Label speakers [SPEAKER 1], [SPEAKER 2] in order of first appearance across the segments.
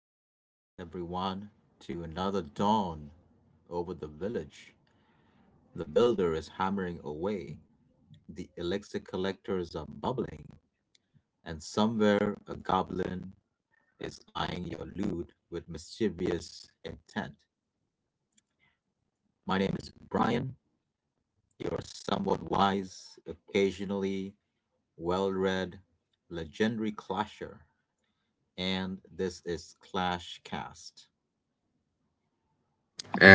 [SPEAKER 1] welcome back, everyone, to another dawn over the village. The builder is hammering away, the elixir collectors are bubbling, and somewhere a goblin is eyeing your loot with mischievous intent. My name is Brian, your somewhat wise, occasionally well read, legendary clasher, and this is Clash Cast.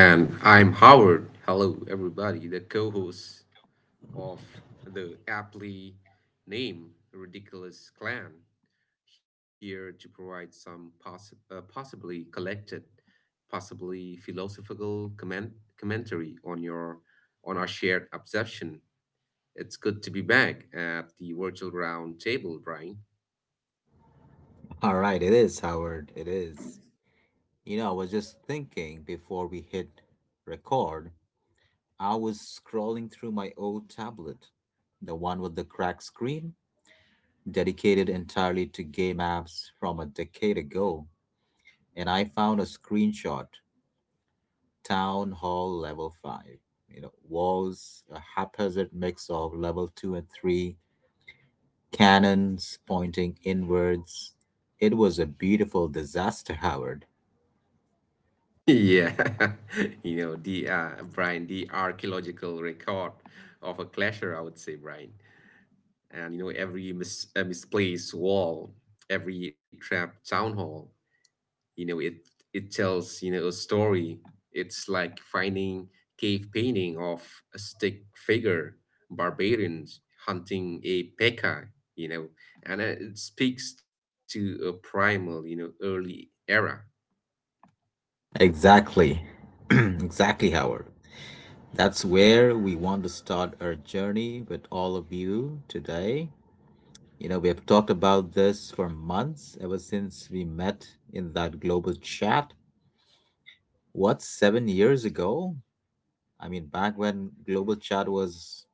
[SPEAKER 2] And I'm Howard. Hello, everybody, the co host of the aptly named Ridiculous Clan, here to provide some possibly collected, possibly philosophical commentary on your on our shared obsession. It's good to be back at the virtual round table, Brian.
[SPEAKER 1] All right, it is, Howard. It is. You know, I was just thinking before we hit record, I was scrolling through my old tablet, the one with the cracked screen, dedicated entirely to game apps from a decade ago, and I found a screenshot: Town Hall Level 5. You know, walls, a haphazard mix of level 2 and 3, cannons pointing inwards. It was a beautiful disaster, Howard.
[SPEAKER 2] Yeah, you know, the Brian, the archaeological record of a clasher, I would say, Brian. And every misplaced wall, every trapped town hall, you know it it tells, a story. It's like finding cave painting of a stick figure barbarians hunting a pekka, you know and it speaks to a primal, early era.
[SPEAKER 1] Exactly. Exactly, Howard. That's where we want to start our journey with all of you today. You know, we have talked about this for months, ever since we met in that global chat. What, 7 years ago? I mean, back when global chat was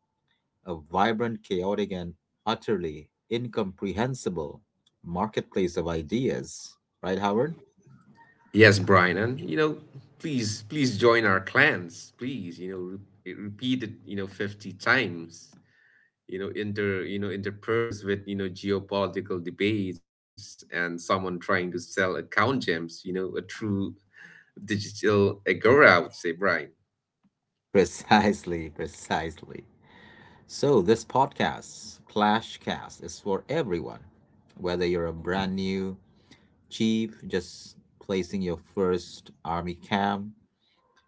[SPEAKER 1] a vibrant, chaotic, and utterly incomprehensible marketplace of ideas. Right, Howard?
[SPEAKER 2] Yes, Brian, and please, please join our clans, please, repeat it, 50 times, interpairs with, geopolitical debates and someone trying to sell account gems, a true digital agora, I would say, Brian.
[SPEAKER 1] Precisely, precisely. So, this podcast, Clashcast, is for everyone. Whether you're a brand new chief, just placing your first army camp,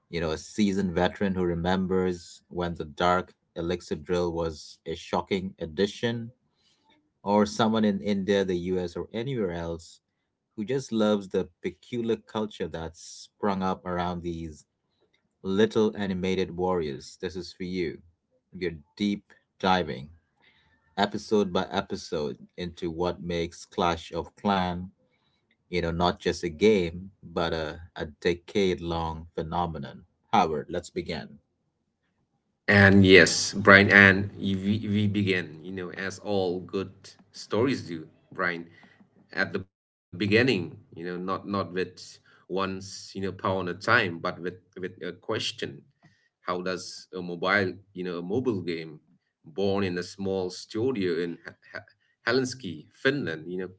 [SPEAKER 1] you know, a seasoned veteran who remembers when the dark elixir drill was a shocking addition, or someone in India, the US, or anywhere else who just loves the peculiar culture that's sprung up around these little animated warriors, this is for you. You're deep diving episode by episode into what makes Clash of Clan, you know, not just a game, but a decade long phenomenon. Howard, let's begin.
[SPEAKER 2] And yes, Brian, and we begin, as all good stories do, Brian, at the beginning, not with once pound a time, but with a question. How does a mobile, you know, a mobile game born in a small studio in Helsinki, Finland, you know,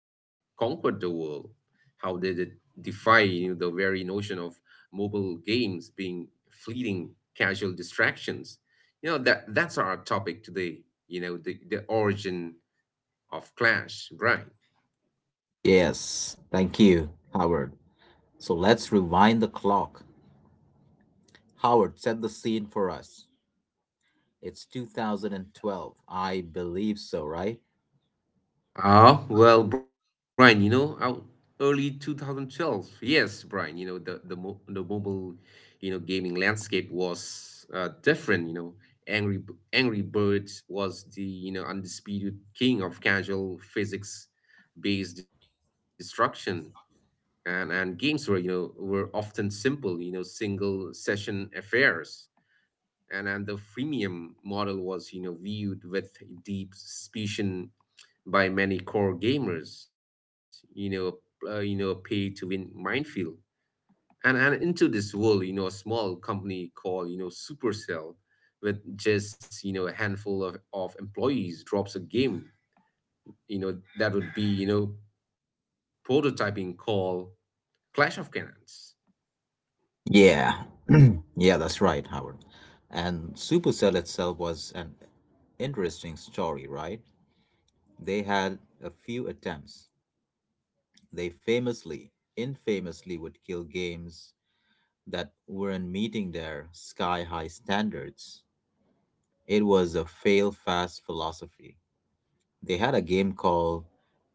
[SPEAKER 2] conquered the world? How did it defy, you know, the very notion of mobile games being fleeting casual distractions? You know, that's our topic today, you know, the origin of Clash, right?
[SPEAKER 1] Yes, thank you, Howard. So let's rewind the clock. Howard, set the scene for us. It's 2012. I believe so, right?
[SPEAKER 2] Ah, well, Brian, you know, out early 2012. Yes, Brian, you know, the mobile, you know, gaming landscape was different, you know. Angry Birds was the, you know, undisputed king of casual physics-based destruction. And games were, you know, were often simple, you know, single session affairs. And the freemium model was, you know, viewed with deep suspicion by many core gamers, you know, pay to win minefield. And into this world, you know, a small company called, you know, Supercell with just, you know, a handful of employees drops a game, you know, that would be, you know, prototyping, called Clash of Clans.
[SPEAKER 1] Yeah. Yeah, that's right, Howard. And Supercell itself was an interesting story, right? They had a few attempts. They famously, infamously, would kill games that weren't meeting their sky high standards. It was a fail fast philosophy. They had a game called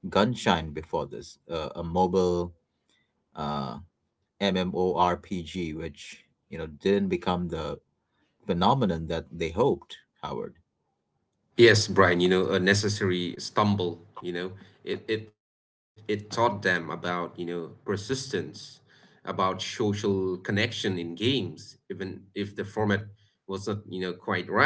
[SPEAKER 1] Gunshine before this, a mobile uh, MMORPG, which you know didn't become the phenomenon that they hoped, Howard.
[SPEAKER 2] Yes, Brian, you know, a necessary stumble, you know, it taught them about, you know, persistence, about social connection in games, even if the format wasn't, you know, quite right.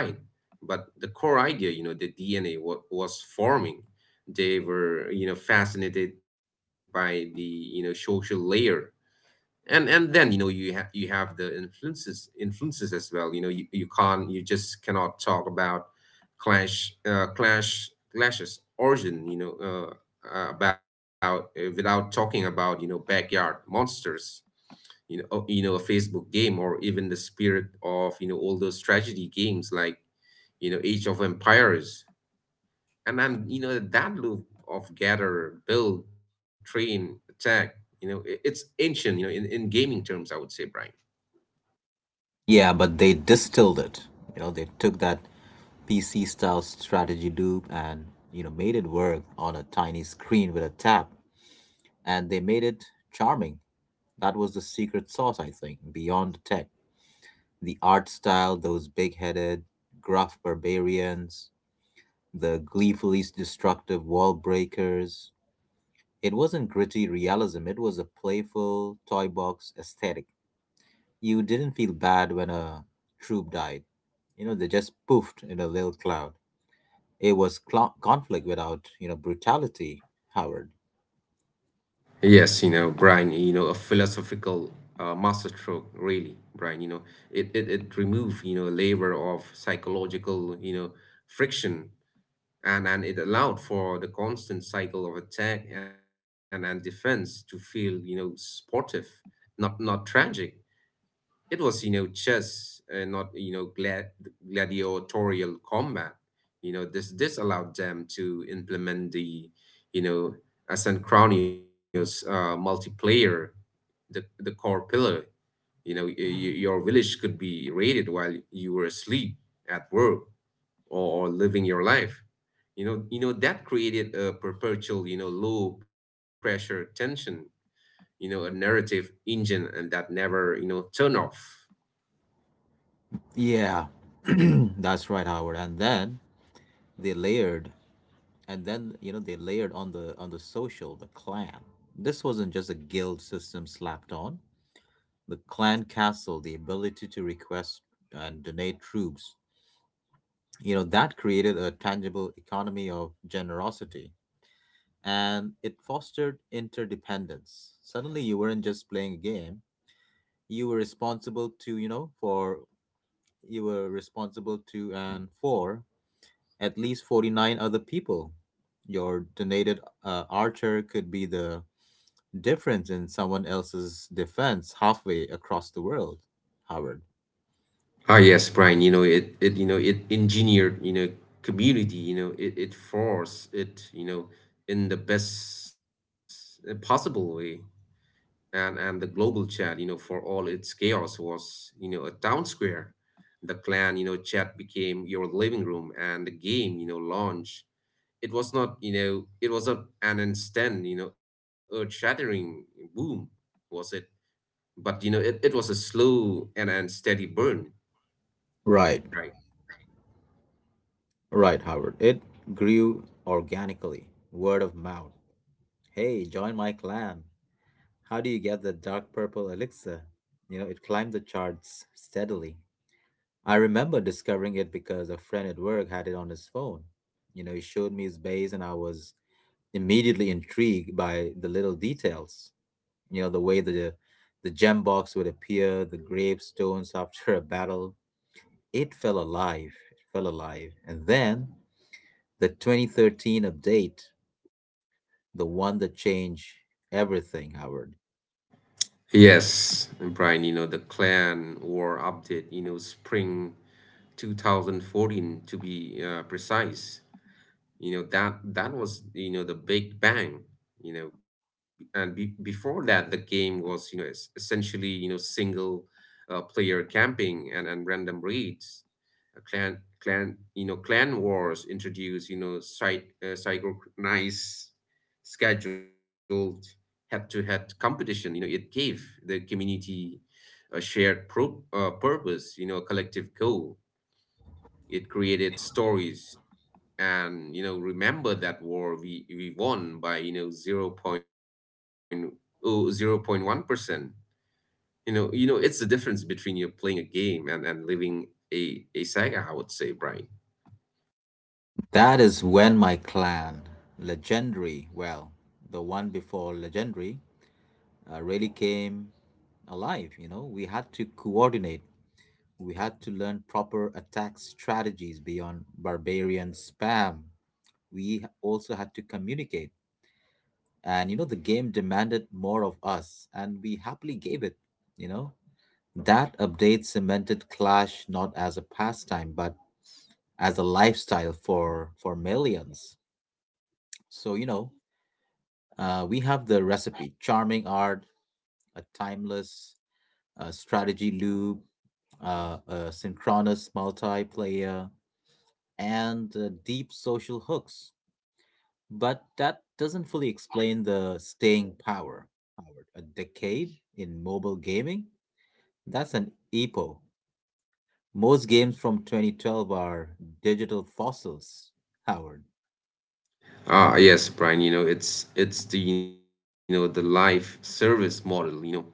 [SPEAKER 2] But the core idea, you know, the DNA what was forming. They were, you know, fascinated by the, you know, social layer. And then, you know, you have, the influences, influences as well, you know. You can't, you just cannot talk about clashes origin, you know about without talking about, you know, Backyard Monsters, you know. Oh, you know, a Facebook game, or even the spirit of, you know, all those tragedy games like, you know, Age of Empires. And then, you know, that loop of gather, build, train, attack, you know, it's ancient, you know, in gaming terms, I would say, Brian.
[SPEAKER 1] Yeah, but they distilled it. You know, they took that PC style strategy loop and, you know, made it work on a tiny screen with a tap, and they made it charming. That was the secret sauce, I think, beyond the tech. The art style, those big headed, gruff barbarians, the gleefully destructive wall breakers. It wasn't gritty realism, it was a playful toy box aesthetic. You didn't feel bad when a troop died. You know, they just poofed in a little cloud. It was conflict without, you know, brutality, Howard.
[SPEAKER 2] Yes, you know, Brian, you know, a philosophical, masterstroke, really, Brian, you know. It removed, you know, a layer of psychological, you know, friction. And it allowed for the constant cycle of attack and, defense to feel, you know, sportive, not tragic. It was, you know, chess and not, you know, gladiatorial combat. You know, this allowed them to implement the, you know, asynchronous multiplayer, the core pillar. You know, your village could be raided while you were asleep, at work, or living your life. You know that created a perpetual, you know, low pressure tension. You know, a narrative engine and that never, you know, turn off.
[SPEAKER 1] Yeah, that's right, Howard. And then they layered they layered on the social, the clan. This wasn't just a guild system slapped on. The clan castle, the ability to request and donate troops, you know that created a tangible economy of generosity, and it fostered interdependence. Suddenly you weren't just playing a game, you were responsible to you know for you were responsible to and for at least 49 other people. Your donated archer could be the difference in someone else's defense halfway across the world, Howard.
[SPEAKER 2] Ah, yes, Brian, you know, you know, it engineered, you know, community, you know, it forced it, you know, in the best possible way. And the global chat, you know, for all its chaos was, you know, a town square. The clan, you know, chat became your living room and the game, you know, launch. It was not, you know, it was not an instant, you know, earth-shattering boom, was it? But, you know, it was a slow and steady burn.
[SPEAKER 1] Right,
[SPEAKER 2] Right?
[SPEAKER 1] right, Howard. It grew organically, word of mouth. Hey, join my clan. How do you get the dark purple elixir? You know, it climbed the charts steadily. I remember discovering it because a friend at work had it on his phone. You know, he showed me his base, and I was immediately intrigued by the little details. You know, the way the gem box would appear, the gravestones after a battle. It felt alive. It felt alive. And then the 2013 update, the one that changed everything, Howard.
[SPEAKER 2] Yes, Brian, you know, the Clan War update, you know, spring 2014, to be precise. You know, that was, you know, the big bang, you know, and be before that the game was, you know, es essentially, you know, single player camping and random raids. Clan clan you know, clan wars introduce, you know, site synchronized, scheduled, head-to-head competition. You know, it gave the community a shared purpose, you know, a collective goal. It created stories. And you know, remember that war, we won by you know 0.0 0.1%, you know, it's the difference between you playing a game and living a saga, I would say, Brian.
[SPEAKER 1] That is when my clan, Legendary, well, the one before Legendary, really came alive. You know, we had to coordinate, we had to learn proper attack strategies beyond barbarian spam. We also had to communicate, and you know the game demanded more of us and we happily gave it. You know, that update cemented clash not as a pastime but as a lifestyle for millions. So, you know, we have the recipe: charming art, a timeless strategy loop, a synchronous multiplayer, and deep social hooks. But that doesn't fully explain the staying power, Howard. A decade in mobile gaming. That's an epo. Most games from 2012 are digital fossils, Howard.
[SPEAKER 2] Ah, yes, Brian, you know, it's the, you know, the life service model, you know,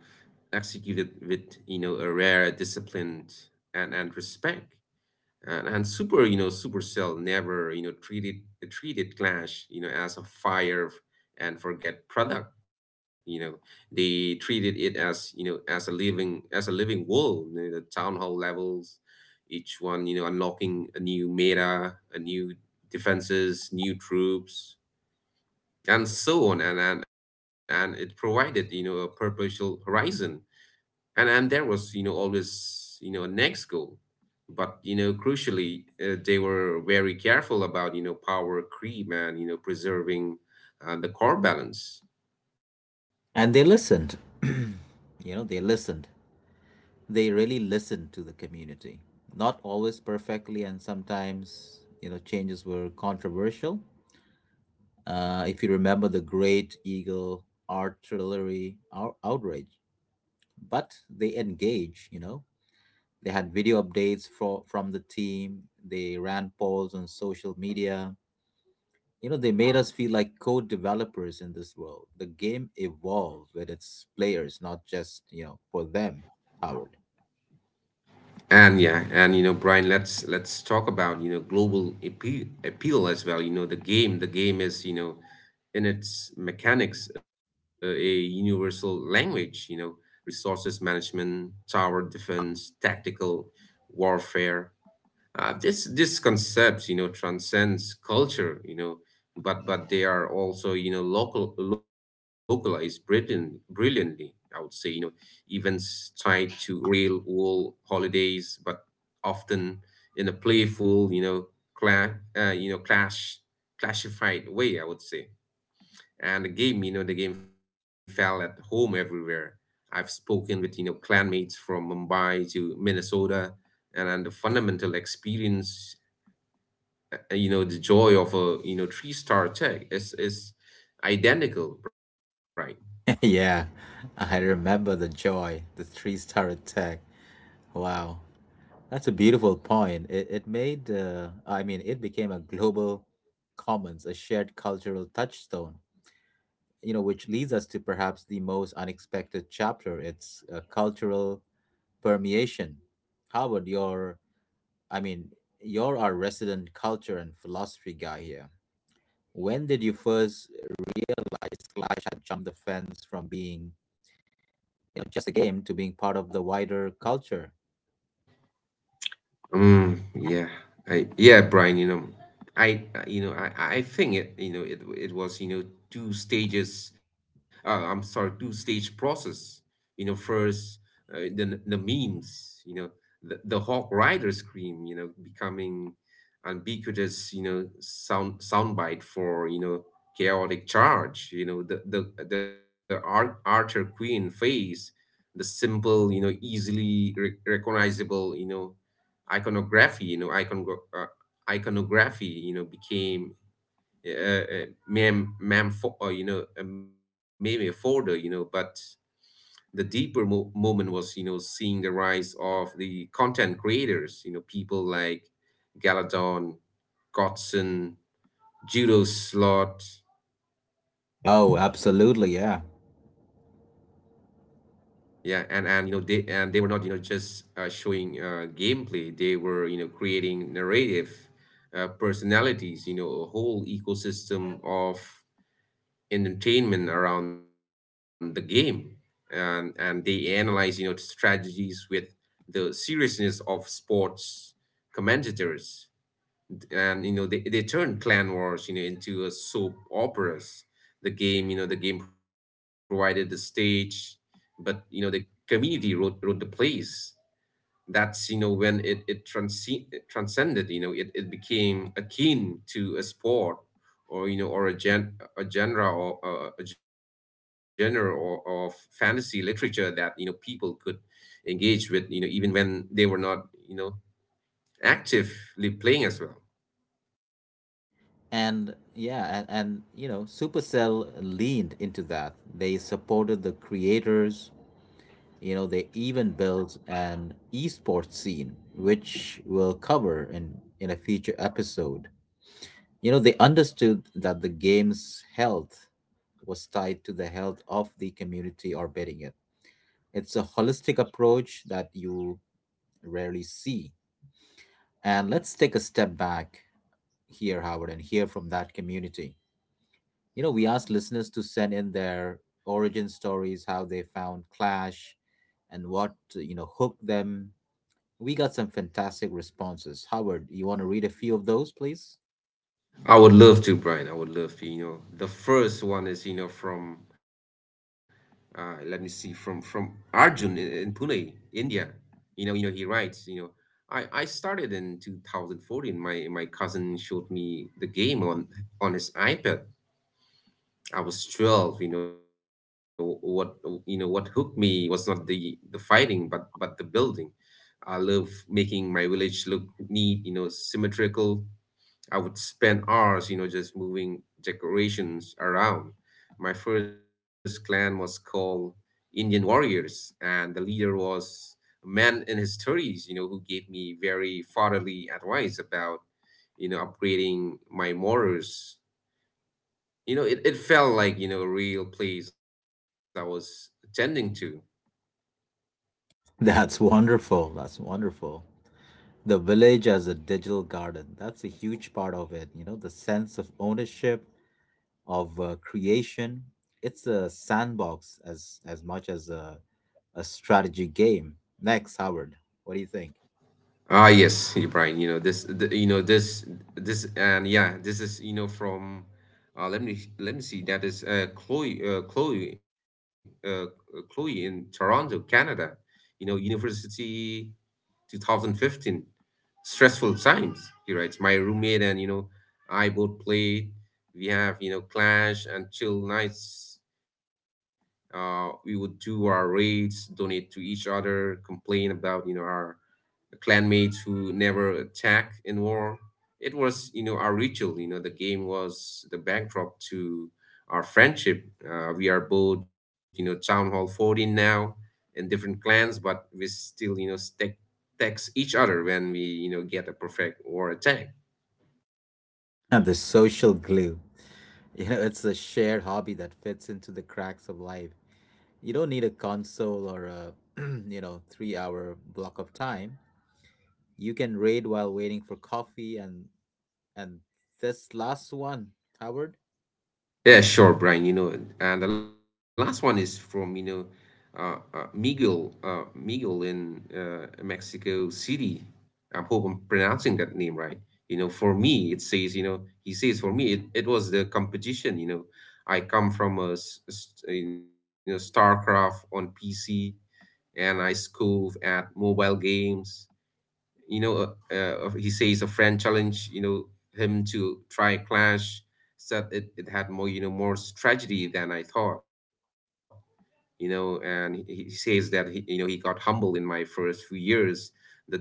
[SPEAKER 2] executed with, you know, a rare discipline and respect. And, Supercell never, you know, treated Clash, you know, as a and forget product, you know. They treated it as, you know, as a living, world, you know, the town hall levels, each one, you know, unlocking a new meta, a new defenses, new troops, and so on. And and, it provided, you know, a perpetual horizon. And there was, you know, always, you know, a next goal. But you know, crucially, they were very careful about, you know, power creep, and, you know, preserving the core balance.
[SPEAKER 1] And they listened. You know, they listened. They really listened to the community. Not always perfectly, and sometimes, you know, changes were controversial. If you remember the Great Eagle artillery outrage, but they engage, you know. They had video updates for, from the team, they ran polls on social media. You know, they made us feel like code developers in this world. The game evolved with its players, not just, you know, for them, Howard.
[SPEAKER 2] And yeah, and you know, Brian, let's talk about, you know, global appeal, appeal as well. You know, the game is, you know, in its mechanics, a universal language, you know. Resources management, tower defense, tactical warfare. This, concept, you know, transcends culture, you know, but they are also, you know, local localized Britain brilliantly, I would say, you know, events tied to real world holidays, but often in a playful, clash, you know, clash classified way, I would say. And the game you know the game fell at home everywhere. I've spoken with, you know, clanmates from Mumbai to Minnesota, and the fundamental experience, you know, the joy of a, you know, three-star tech is identical, right?
[SPEAKER 1] Yeah, I remember the joy, the three-star attack. Wow. That's a beautiful point. It made, I mean, it became a global commons, a shared cultural touchstone, you know, which leads us to perhaps the most unexpected chapter. It's a cultural permeation. Howard, your I mean, you're our resident culture and philosophy guy here. When did you first realize Clash had jumped the fence from being, you know, just a game to being part of the wider culture?
[SPEAKER 2] Yeah, yeah, Brian, you know, you know, I think it, you know, it was, you know, two stages, I'm sorry, two stage process. You know, first, the memes, you know, the Hawk Rider scream, you know, becoming ubiquitous, you know, soundbite for, you know, chaotic charge, you know, the Ar Archer Queen phase, the simple, you know, easily recognizable, you know, iconography, you know, uh, iconography, you know, became, you know, a meme folder, you know. But the deeper moment was, you know, seeing the rise of the content creators, you know, people like Galadon, Godson, Judo Slot.
[SPEAKER 1] Oh, absolutely, yeah.
[SPEAKER 2] Yeah, and you know they and they were not, you know, just showing gameplay. They were, you know, creating narrative, personalities. You know, a whole ecosystem of entertainment around the game. And they analyze, you know, strategies with the seriousness of sports commentators. And you know, they turned clan wars, you know, into a soap operas. The game You know, the game provided the stage, but you know, the community wrote the plays. That's, you know, when it it transcended, you know, it became akin to a sport, or you know, or a gen a genre, or a genre or, of fantasy literature, that you know people could engage with, you know, even when they were not, you know, actively playing as well.
[SPEAKER 1] And you know, Supercell leaned into that. They supported the creators, you know, they even built an esports scene, which we'll cover in a future episode. You know, they understood that the game's health was tied to the health of the community orbiting it. It's a holistic approach that you rarely see. And let's take a step back here, Howard, and hear from that community. You know, we asked listeners to send in their origin stories, how they found Clash, and what, you know, hooked them. We got some fantastic responses. Howard, you want to read a few of those, please?
[SPEAKER 2] I would love to, Brian. I would love to. You know, the first one is, you know, from, let me see, from Arjun in Pune, India. You know, you know, he writes. You know, I started in 2014. My cousin showed me the game on his iPad. I was 12. You know what, you know what hooked me was not the fighting, but the building. I love making my village look neat, you know, symmetrical. I would spend hours, you know, just moving decorations around. My first clan was called Indian Warriors, and the leader was a man in his 30s, you know, who gave me very fatherly advice about, you know, upgrading my morals. You know, it felt like, you know, a real place I was attending to.
[SPEAKER 1] That's wonderful. That's wonderful. The village as a digital garden. That's a huge part of it. You know, the sense of ownership, of creation. It's a sandbox as much as a strategy game. Next, Howard, what do you think?
[SPEAKER 2] Ah, yes, yeah, Brian. You know this. The, this. This and, yeah, this is from. Let me see. That is Chloe in Toronto, Canada. University, 2015. Stressful times. He writes. My roommate and, I both played. We have clash and chill nights. We would do our raids, donate to each other, complain about our clanmates who never attack in war. It was our ritual. The game was the backdrop to our friendship. We are both, Town Hall 14 now in different clans, but we still stack text each other when we get a perfect war attack.
[SPEAKER 1] And the social glue. You know, it's a shared hobby that fits into the cracks of life. You don't need a console or a you know 3 hour block of time. You can raid while waiting for coffee and this last one, Howard.
[SPEAKER 2] Yeah, sure, Brian. And the last one is from, Miguel in Mexico City. I hope I'm pronouncing that name right. For me, it says, he says, for me, it was the competition. I come from a, s- s- you know, StarCraft on PC and I scove at mobile games. He says a friend challenged, him to try a clash, said it had more tragedy than I thought, and he says that he got humbled in my first few years, the depth,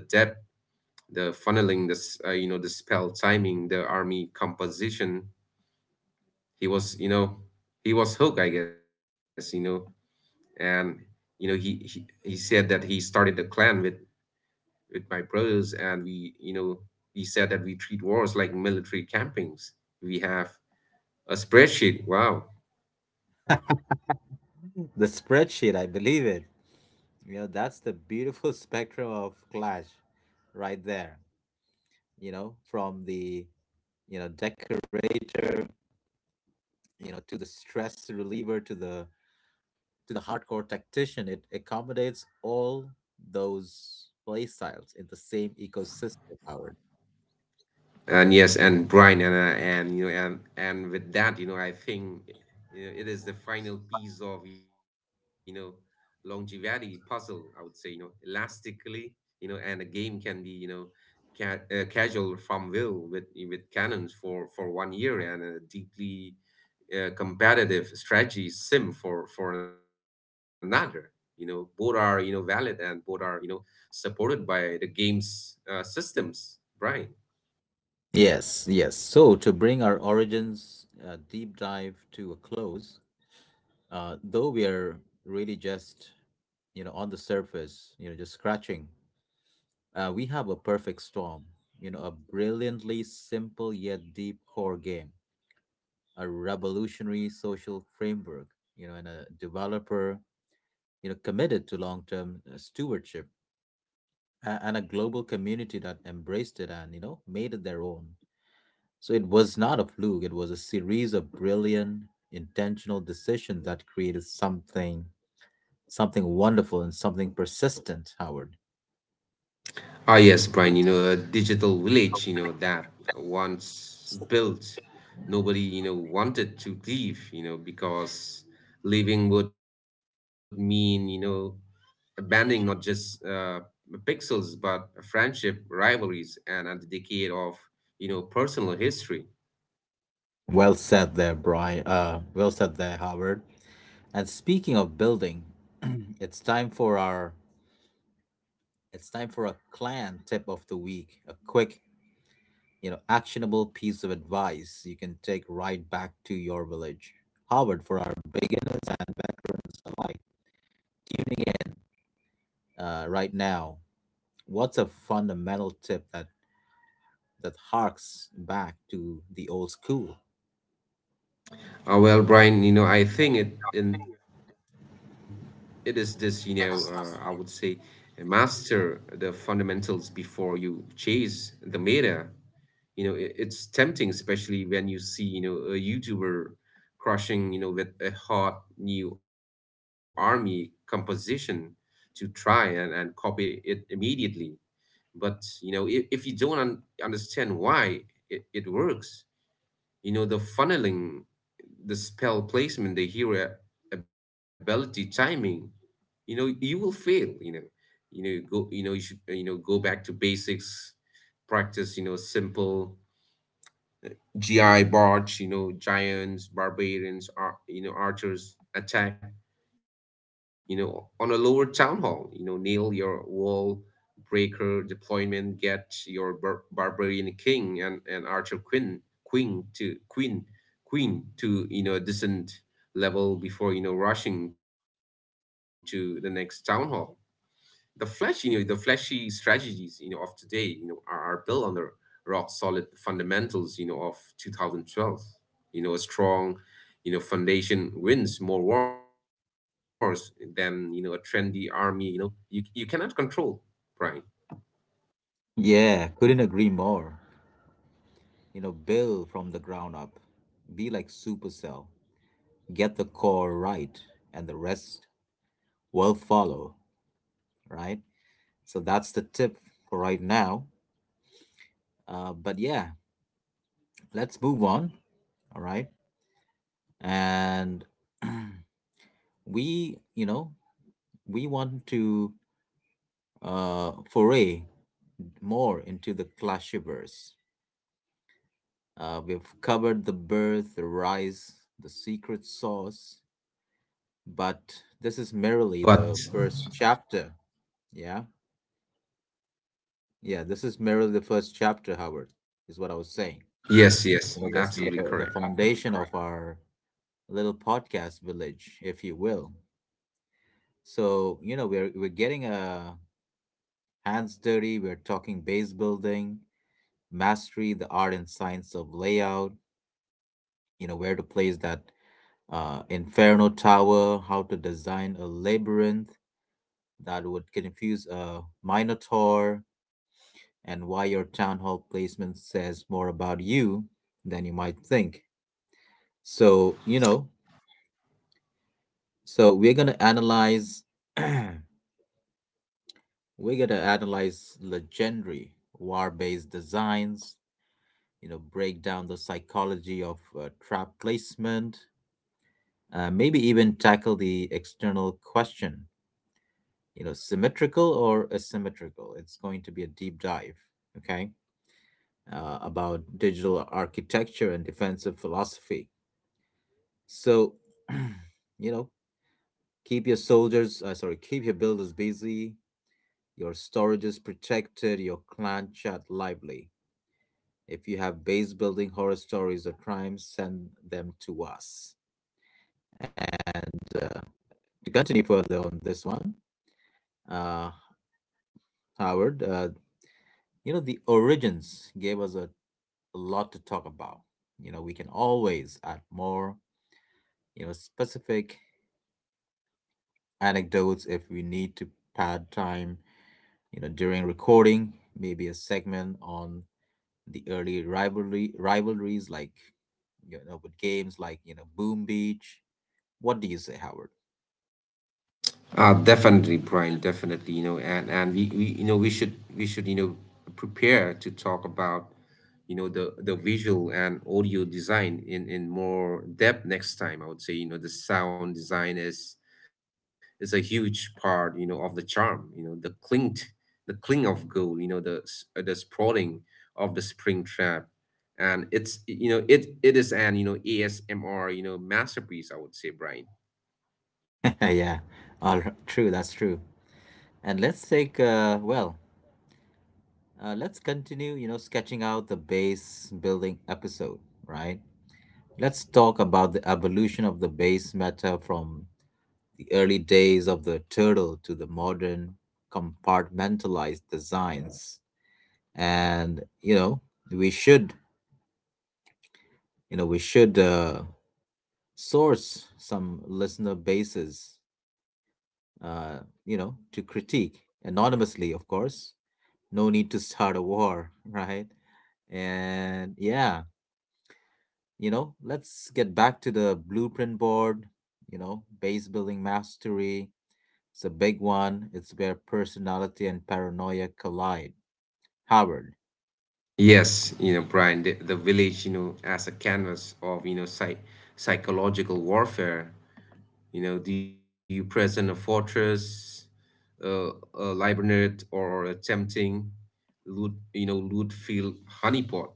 [SPEAKER 2] the funneling, the, the spell timing, the army composition. He was, you know, he was hooked, I guess, and he said that he started a clan with my brothers, and we we said that we treat wars like military campings. We have a spreadsheet. Wow.
[SPEAKER 1] The spreadsheet, I believe it. You know, that's the beautiful spectrum of clash right there. You know, from the, you know, decorator, you know, to the stress reliever to the hardcore tactician. It accommodates all those play styles in the same ecosystem, Howard.
[SPEAKER 2] and yes and brian and you know and with that you know I think it is the final piece of longevity puzzle, I would say, elastically. And the game can be casual from will with cannons for 1 year and a deeply competitive strategy sim for another. Both are valid, and both are supported by the game's systems, Brian.
[SPEAKER 1] Yes, yes. So to bring our origins deep dive to a close, though we are really just, you know, on the surface, you know, just scratching. We have a perfect storm, you know, a brilliantly simple yet deep core game, a revolutionary social framework, you know, and a developer, you know, committed to long-term stewardship, and a global community that embraced it and you know made it their own. So it was not a fluke; it was a series of brilliant, intentional decisions that created something, something wonderful and something persistent. Howard,
[SPEAKER 2] A digital village, that once built, nobody, wanted to leave, because leaving would mean, you know, abandoning not just pixels, but friendship, rivalries, and a decade of personal history.
[SPEAKER 1] well said there, Brian. Well said there, Howard. And speaking of building, it's time for our it's time for a clan tip of the week, a quick, you know, actionable piece of advice you can take right back to your village. Howard, for our beginners and veterans alike, tuning in right now, what's a fundamental tip that that harks back to the old school?
[SPEAKER 2] Well, Brian, I think it is this, I would say, master the fundamentals before you chase the meta. It's tempting, especially when you see a youtuber crushing with a hot new army composition, to try and copy it immediately. But if you don't understand why it works, the funneling, the spell placement, the hero ability timing, you will fail. You know you know go you know you should you know go back to basics. Practice simple GI bots, giants, barbarians, archers attack, on a lower town hall, nail your wall breaker deployment, get your barbarian king and archer queen, queen to queen, a decent level before, you know, rushing to the next town hall. The flashy strategies, of today, are built on the rock solid fundamentals, of 2012. A strong, foundation wins more wars than, a trendy army, you cannot control, right?
[SPEAKER 1] Yeah, couldn't agree more. You know, build from the ground up. Be like Supercell. Get the core right, and the rest will follow, right? So that's the tip for right now. But yeah, let's move on, all right? And we, you know, we want to foray more into the clashiverse. We've covered the birth, the rise, the secret sauce, but this is merely
[SPEAKER 2] But
[SPEAKER 1] the first chapter. Yeah, yeah, this is merely the first chapter, Howard, is what I was saying.
[SPEAKER 2] yes,
[SPEAKER 1] Well, I guess yeah,
[SPEAKER 2] absolutely
[SPEAKER 1] the
[SPEAKER 2] correct.
[SPEAKER 1] foundation of our little podcast village, if you will. So, you know, we're getting hands dirty, we're talking base building, mastery, the art and science of layout, you know, where to place that inferno tower, how to design a labyrinth that would confuse a minotaur, and why your town hall placement says more about you than you might think. So, you know, So we're gonna analyze we're gonna analyze legendary war-based designs, you know, break down the psychology of trap placement, maybe even tackle the external question, you know, symmetrical or asymmetrical. It's going to be a deep dive, okay, about digital architecture and defensive philosophy. So, you know, keep your keep your builders busy. Your storage is protected, your clan chat lively. If you have base building horror stories or crimes, send them to us. And to continue further on this one, uh, Howard, you know, the origins gave us a lot to talk about. You know, we can always add more, you know, specific anecdotes if we need to pad time, you know, during recording, maybe a segment on the early rivalry rivalries like, you know, with games like, you know, Boom Beach. What do you say, Howard?
[SPEAKER 2] Definitely, Brian, definitely, you know, and we you know we should you know prepare to talk about the visual and audio design in more depth next time. I would say the sound design is a huge part of the charm. The cling, the cling of gold. The sprawling of the spring trap, and it's it is an ASMR masterpiece, I would say, Brian.
[SPEAKER 1] Yeah, all right, true. That's true. And let's take let's continue. You know, sketching out the base building episode, right? Let's talk about the evolution of the base meta from the early days of the turtle to the modern compartmentalized designs. And you know, we should we should source some listener bases, you know, to critique anonymously, of course. No need to start a war, right? And yeah, you know, let's get back to the blueprint board, you know, base building mastery. It's a big one. It's where personality and paranoia collide, Howard.
[SPEAKER 2] The village, as a canvas of, psychological warfare. Do you present a fortress, a labyrinth, or a tempting loot, loot field honeypot?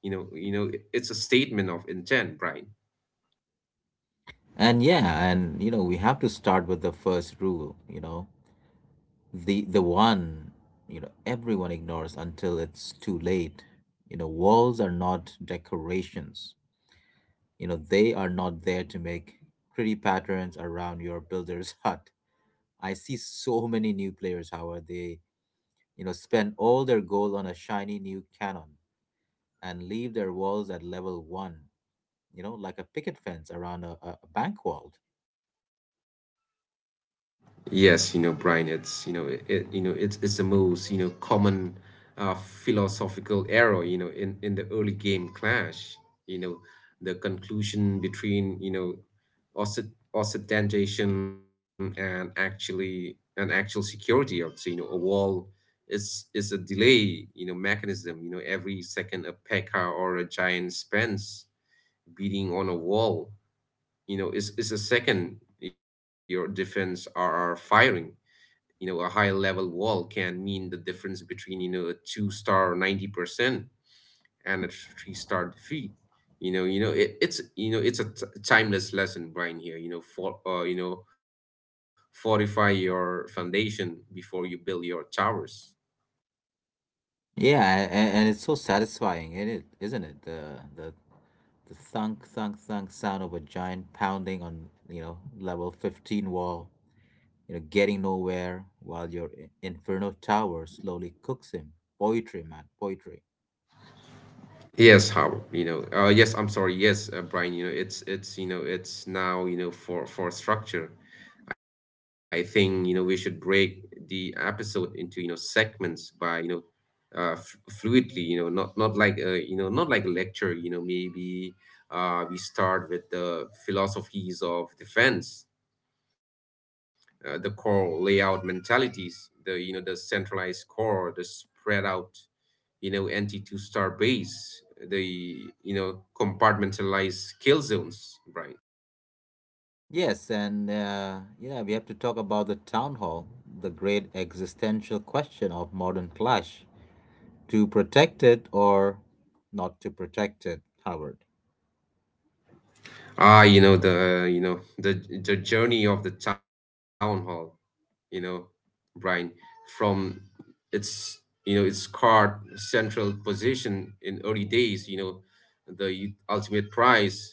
[SPEAKER 2] It's a statement of intent, Brian.
[SPEAKER 1] And yeah, and you know, we have to start with the first rule, you know, the one, you know, everyone ignores until it's too late. You know, walls are not decorations. You know, they are not there to make pretty patterns around your builder's hut. I see so many new players, Howard. They, you know, spend all their gold on a shiny new cannon and leave their walls at level one, you know, like a picket fence around a bank vault.
[SPEAKER 2] Yes, you know, Brian, it's you know, it- you know, it's the most common philosophical error, in the early game clash. You know, the conclusion between ostentation and actual security, I would say. A wall is a delay, mechanism. Every second a Pekka or a giant spends beating on a wall, is a second your defense are firing. A high level wall can mean the difference between a two star 90% and a three-star defeat. You know you know it, it's you know it's a t- timeless lesson, Brian, here, fortify your foundation before you build your towers.
[SPEAKER 1] Yeah, and it's so satisfying, isn't it, the the thunk thunk thunk sound of a giant pounding on, you know, level 15 wall, you know, getting nowhere while your inferno tower slowly cooks him. Poetry, man, poetry.
[SPEAKER 2] Yes, Howard, you know, yes, I'm sorry, yes, Brian, you know, it's you know, it's Now, for structure. I think, we should break the episode into, segments by, you know, f fluidly, not not like a lecture, maybe we start with the philosophies of defense, the core layout mentalities, the, the centralized core, the spread out anti-two star base, the you know compartmentalized kill zones, right?
[SPEAKER 1] Yes, and yeah, we have to talk about the town hall, the great existential question of modern clash. To protect it or not to protect it, Howard?
[SPEAKER 2] Ah you know the you know the the journey of the town hall, you know Brian, from its you know its card central position in early days, the ultimate prize,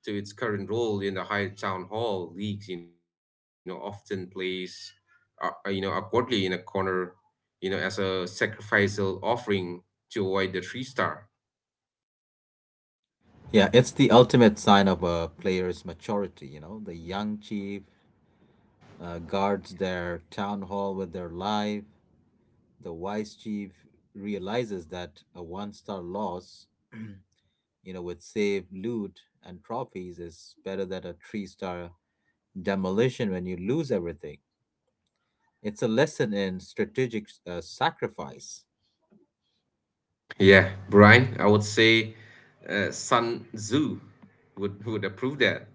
[SPEAKER 2] to its current role in the high town hall leagues, often plays, awkwardly in a corner, as a sacrificial offering to avoid the three star.
[SPEAKER 1] Yeah, it's the ultimate sign of a player's maturity. You know, the young chief guards their town hall with their life. The wise chief realizes that a one star loss, you know, with save loot and trophies is better than a three-star demolition when you lose everything. It's a lesson in strategic sacrifice.
[SPEAKER 2] Yeah, Brian, I would say Sun Tzu would approve that.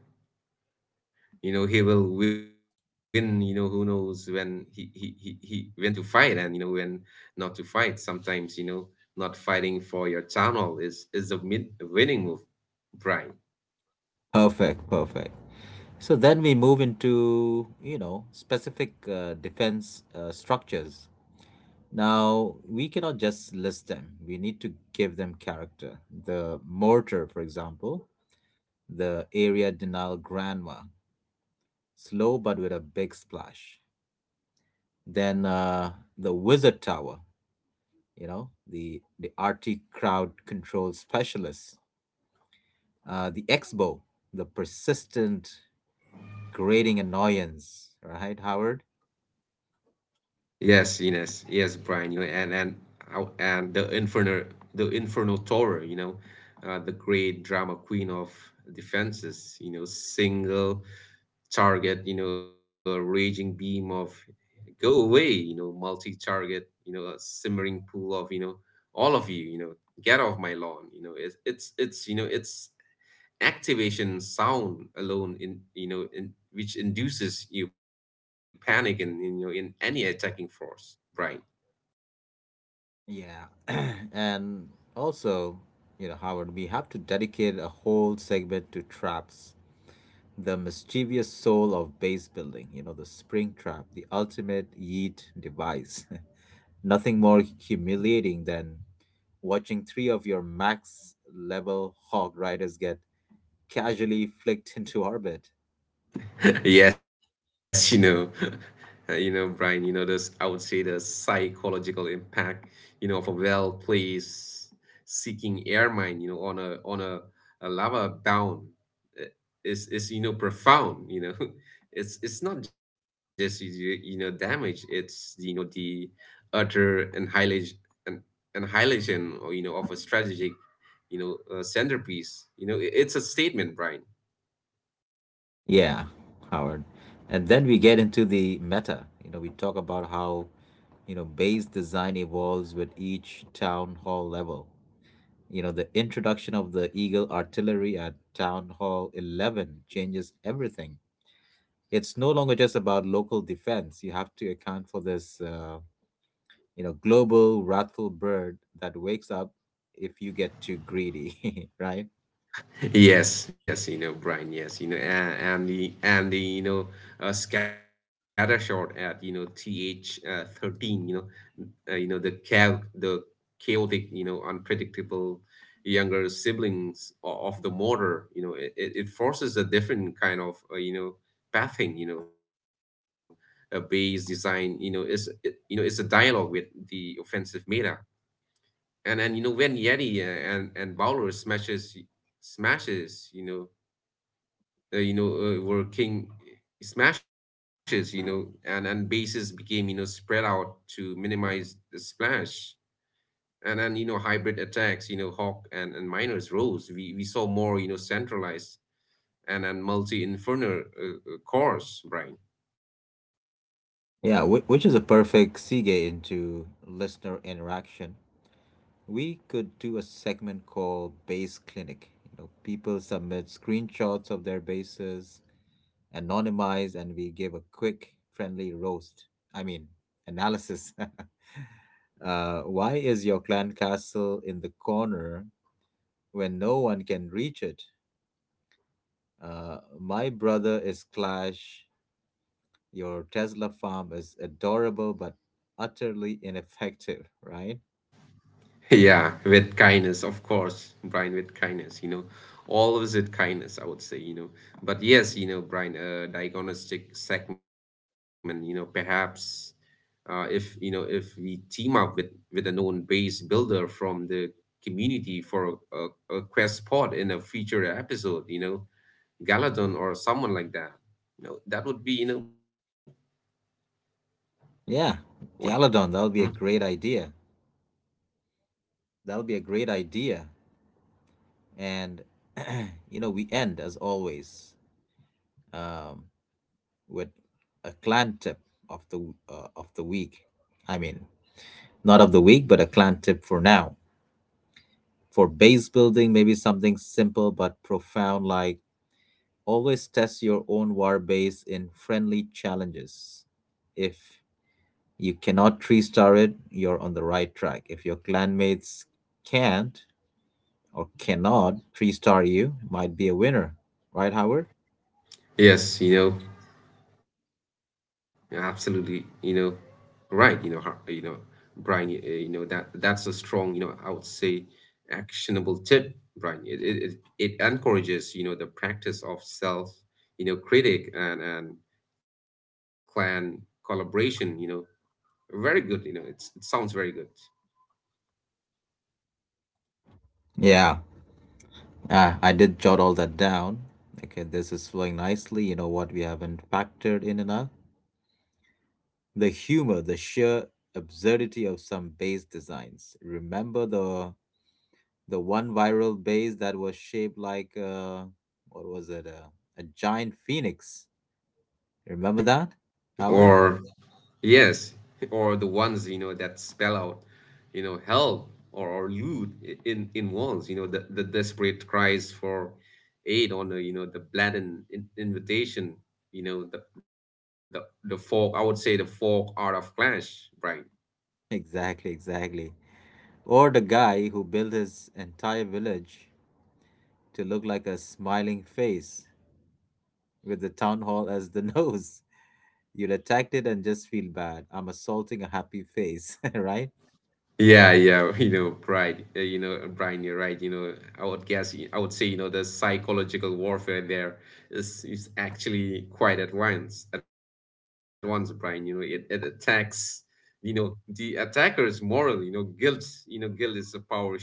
[SPEAKER 2] He will win, who knows when he when to fight and, when not to fight. Sometimes, not fighting for your town hall is a mid winning move, Brian.
[SPEAKER 1] Perfect, perfect. So then we move into, you know, specific defense structures. Now, we cannot just list them. We need to give them character. The mortar, for example, the area denial grandma, slow but with a big splash. Then the wizard tower, you know, the arty crowd control specialist, the expo, the persistent grating annoyance, right, Howard?
[SPEAKER 2] Yes, Ines. Yes, Brian, you know, and how- and the Inferno Tower, the great drama queen of defenses, single target, a raging beam of go away, multi-target, a simmering pool of, all of you, get off my lawn. Its activation sound alone in you know in, which induces you panic and you know in any attacking force, right?
[SPEAKER 1] Yeah, and also, you know, Howard, we have to dedicate a whole segment to traps, the mischievous soul of base building, you know, the spring trap, the ultimate yeet device. Nothing more humiliating than watching three of your max level hog riders get casually flicked into orbit.
[SPEAKER 2] Yes, you know, Brian, I would say the psychological impact, of a well-placed seeking air mine, on a a lava down, uh, is profound, It's not just damage, it's the the utter annihilation and annihilation or you know of a strategic, centerpiece. It's a statement, Brian.
[SPEAKER 1] Yeah, Howard. And then we get into the meta. You know, we talk about how, you know, base design evolves with each town hall level. You know, the introduction of the Eagle artillery at Town Hall 11 changes everything. It's no longer just about local defense. You have to account for this, you know, global wrathful bird that wakes up if you get too greedy, right?
[SPEAKER 2] Yes, yes, you know, Brian, yes, you know, and the you know Scatter shot at TH 13, the chaos, the chaotic, unpredictable younger siblings of the motor, it it forces a different kind of pathing. A base design, you know, is it, you know, it's a dialogue with the offensive meta, and when Yeti and Bowler smashes, were king smashes, and bases became spread out to minimize the splash, and then hybrid attacks, hawk and miners rose. We saw more centralized and multi inferno cores, Brian.
[SPEAKER 1] Yeah, which is a perfect segue into listener interaction. We could do a segment called Base Clinic. You know, people submit screenshots of their bases, anonymize, and we give a quick, friendly roast. I mean, analysis. Uh, why is your clan castle in the corner when no one can reach it? My brother is Clash. Your Tesla farm is adorable but utterly ineffective, right?
[SPEAKER 2] Yeah, with kindness, of course, Brian. With kindness, always with kindness, I would say. You know but Yes, Brian, diagnostic segment, perhaps, if if we team up with a known base builder from the community for a quest pod in a future episode, Galadon or someone like that, that would be
[SPEAKER 1] Yeah,
[SPEAKER 2] what.
[SPEAKER 1] Galadon, that'll
[SPEAKER 2] Hmm?
[SPEAKER 1] be a great idea. That'll be a great idea. And, you know, we end as always um, with a clan tip of the week. I mean, not of the week, but a clan tip for now. For base building, maybe something simple but profound like: always test your own war base in friendly challenges. If you cannot three star it, you're on the right track. If your clanmates can't or cannot three star you, might be a winner. Right, Howard?
[SPEAKER 2] Yes. Yeah, absolutely, right, Brian, that's a strong, I would say, actionable tip, Brian. It encourages, the practice of self, critic and clan collaboration. Very good. It sounds very good.
[SPEAKER 1] Yeah, ah, I did jot all that down. Okay, this is flowing nicely. You know what we haven't factored in enough? The humor, the sheer absurdity of some base designs. Remember the one viral base that was shaped like what was it? A giant phoenix. Remember that, Howard?
[SPEAKER 2] Or Yes, or the ones that spell out, help or loot in walls. The desperate cries for aid on the the blatant invitation. The folk. I would say the folk art of Clash, right?
[SPEAKER 1] Exactly, exactly. Or the guy who built his entire village to look like a smiling face with the town hall as the nose. You'd attacked it and just feel bad. I'm assaulting a happy face, right?
[SPEAKER 2] Yeah, yeah, pride. You know, Brian, you're right. I would guess, I would say, the psychological warfare there is actually quite advanced. Advanced, Brian. It attacks the attacker's moral guilt. Guilt is a power shield.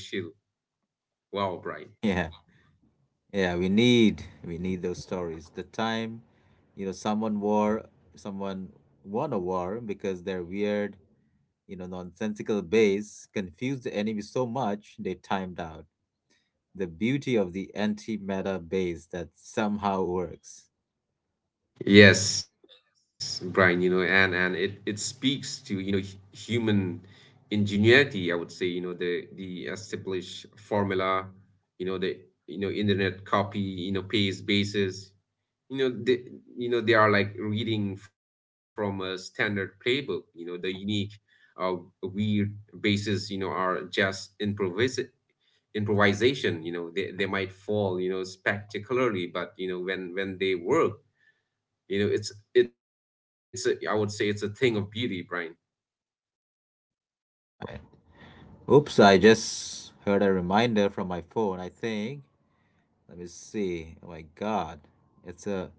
[SPEAKER 2] Wow, Brian.
[SPEAKER 1] Yeah. Yeah, we need those stories. The time, you know, someone won a war because they're weird, you know, nonsensical base confused the enemy so much they timed out. The beauty of the antimatter base that somehow works.
[SPEAKER 2] Yes, Brian, and it speaks to human ingenuity, I would say. The established formula, the internet copy paste basis. They they are like reading from a standard playbook. The unique uh, weird bases are just improvisation. They might fall spectacularly, but when they work it's, I would say it's a thing of beauty, Brian.
[SPEAKER 1] Oops, I just heard a reminder from my phone, I think. Let me see. Oh my god. It's a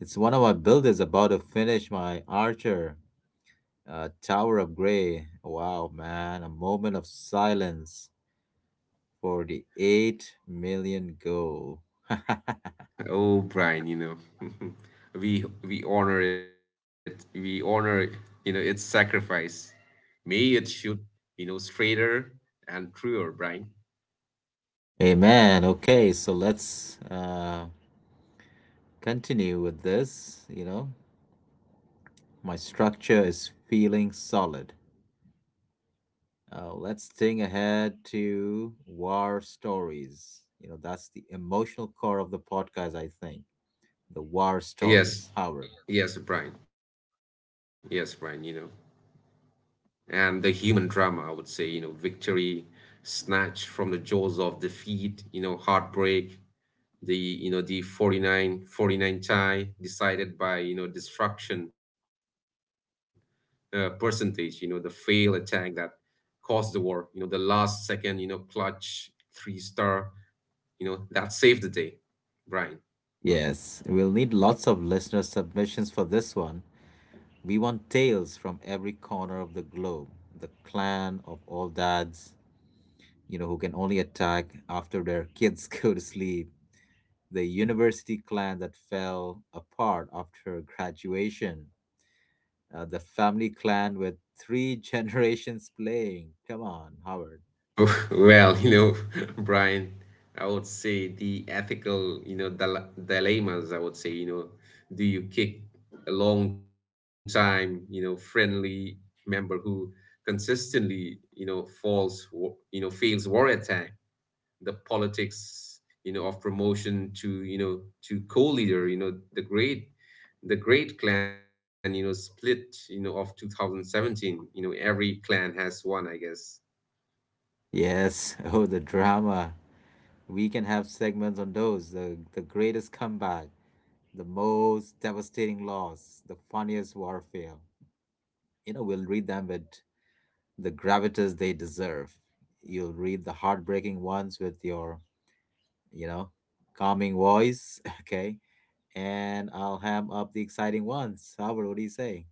[SPEAKER 1] it's one of my builders about to finish my Archer Tower of Grey. Wow, man. A moment of silence for the 8 million goal.
[SPEAKER 2] Oh, Brian, we honor it. We honor its sacrifice. May it shoot straighter and truer, Brian.
[SPEAKER 1] Amen. Okay, so let's continue with this. You know, my structure is feeling solid. Let's think ahead to war stories. You know, that's the emotional core of the podcast, I think. The war
[SPEAKER 2] yes
[SPEAKER 1] stories, Howard.
[SPEAKER 2] yes brian yes brian you know and the human drama, I would say, victory snatched from the jaws of defeat, heartbreak, the you know the forty nine forty nine 49 chai decided by destruction percentage, the fail attack that caused the war, the last second clutch three star that saved the day, Brian.
[SPEAKER 1] Yes, we'll need lots of listener submissions for this one. We want tales from every corner of the globe. The clan of all dads, you know, who can only attack after their kids go to sleep, the university clan that fell apart after graduation, the family clan with three generations playing. Come on, Howard.
[SPEAKER 2] Well, Brian, I would say the ethical, dilemmas, I would say, do you kick a long time, friendly member who consistently, you know, falls, wa- you know, fails war attack, the politics, of promotion to co-leader, the great clan, split, of 2017, every clan has one, I guess.
[SPEAKER 1] Yes, oh, the drama. We can have segments on those: the greatest comeback, the most devastating loss, the funniest warfare. You know, we'll read them with the gravitas they deserve. You'll read the heartbreaking ones with your, you know, calming voice, okay? And I'll ham up the exciting ones. Albert, what do you say?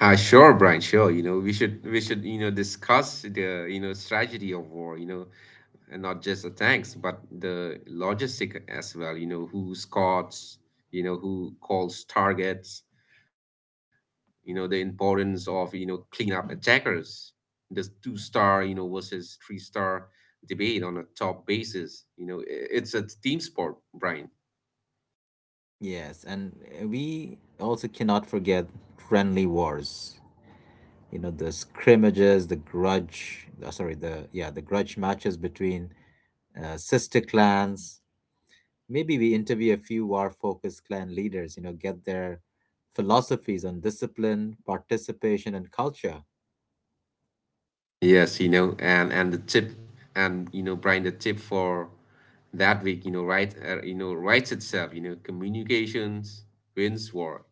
[SPEAKER 2] Sure, Brian, sure. We should discuss the, strategy of war, and not just the tanks, but the logistic as well, who scouts, who calls targets, the importance of cleanup attackers, the two star, versus three-star debate on a top basis. You know, I- it's a team sport, Brian.
[SPEAKER 1] Yes, and we also cannot forget friendly wars. You know, the scrimmages, the grudge, sorry, the yeah, the grudge matches between sister clans. Maybe we interview a few war-focused clan leaders, you know, get their philosophies on discipline, participation, and culture.
[SPEAKER 2] Yes, and the tip, and Brian, the tip for that week, right, writes itself. Communications wins war.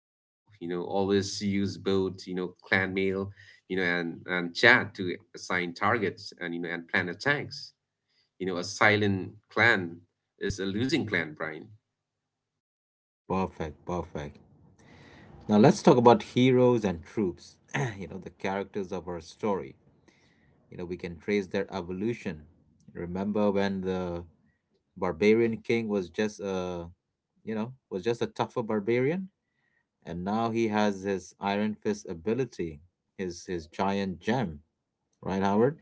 [SPEAKER 2] Always use both, clan mail, and chat to assign targets and plan attacks. A silent clan is a losing clan, Brian.
[SPEAKER 1] Perfect, perfect. Now let's talk about heroes and troops, you know, the characters of our story. You know, we can trace their evolution. Remember when the barbarian king was just a, tougher barbarian, and now he has his iron fist ability, his giant gem, right, Howard?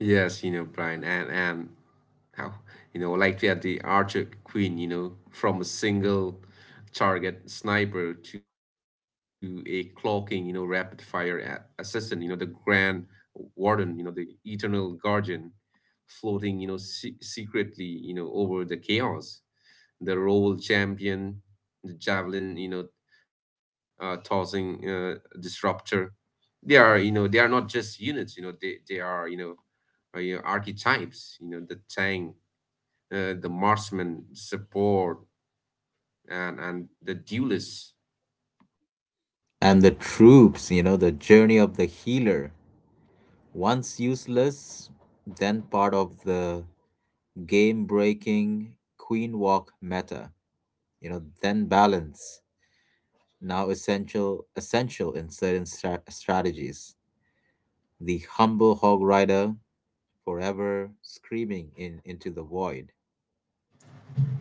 [SPEAKER 2] Yes, Brian, and how, like we had the Archer Queen, from a single target sniper to a clocking, rapid fire assassin, the Grand Warden, the Eternal Guardian, floating, secretly, over the chaos, the role champion, the javelin, tossing disruptor. They are, they are not just units, they are, archetypes. The tank, the marksman, support, and the duelist.
[SPEAKER 1] And the troops, you know, the journey of the healer, once useless, then part of the game breaking queen walk meta, you know, then balance, now essential in certain strategies. The humble hog rider, forever screaming in into the void.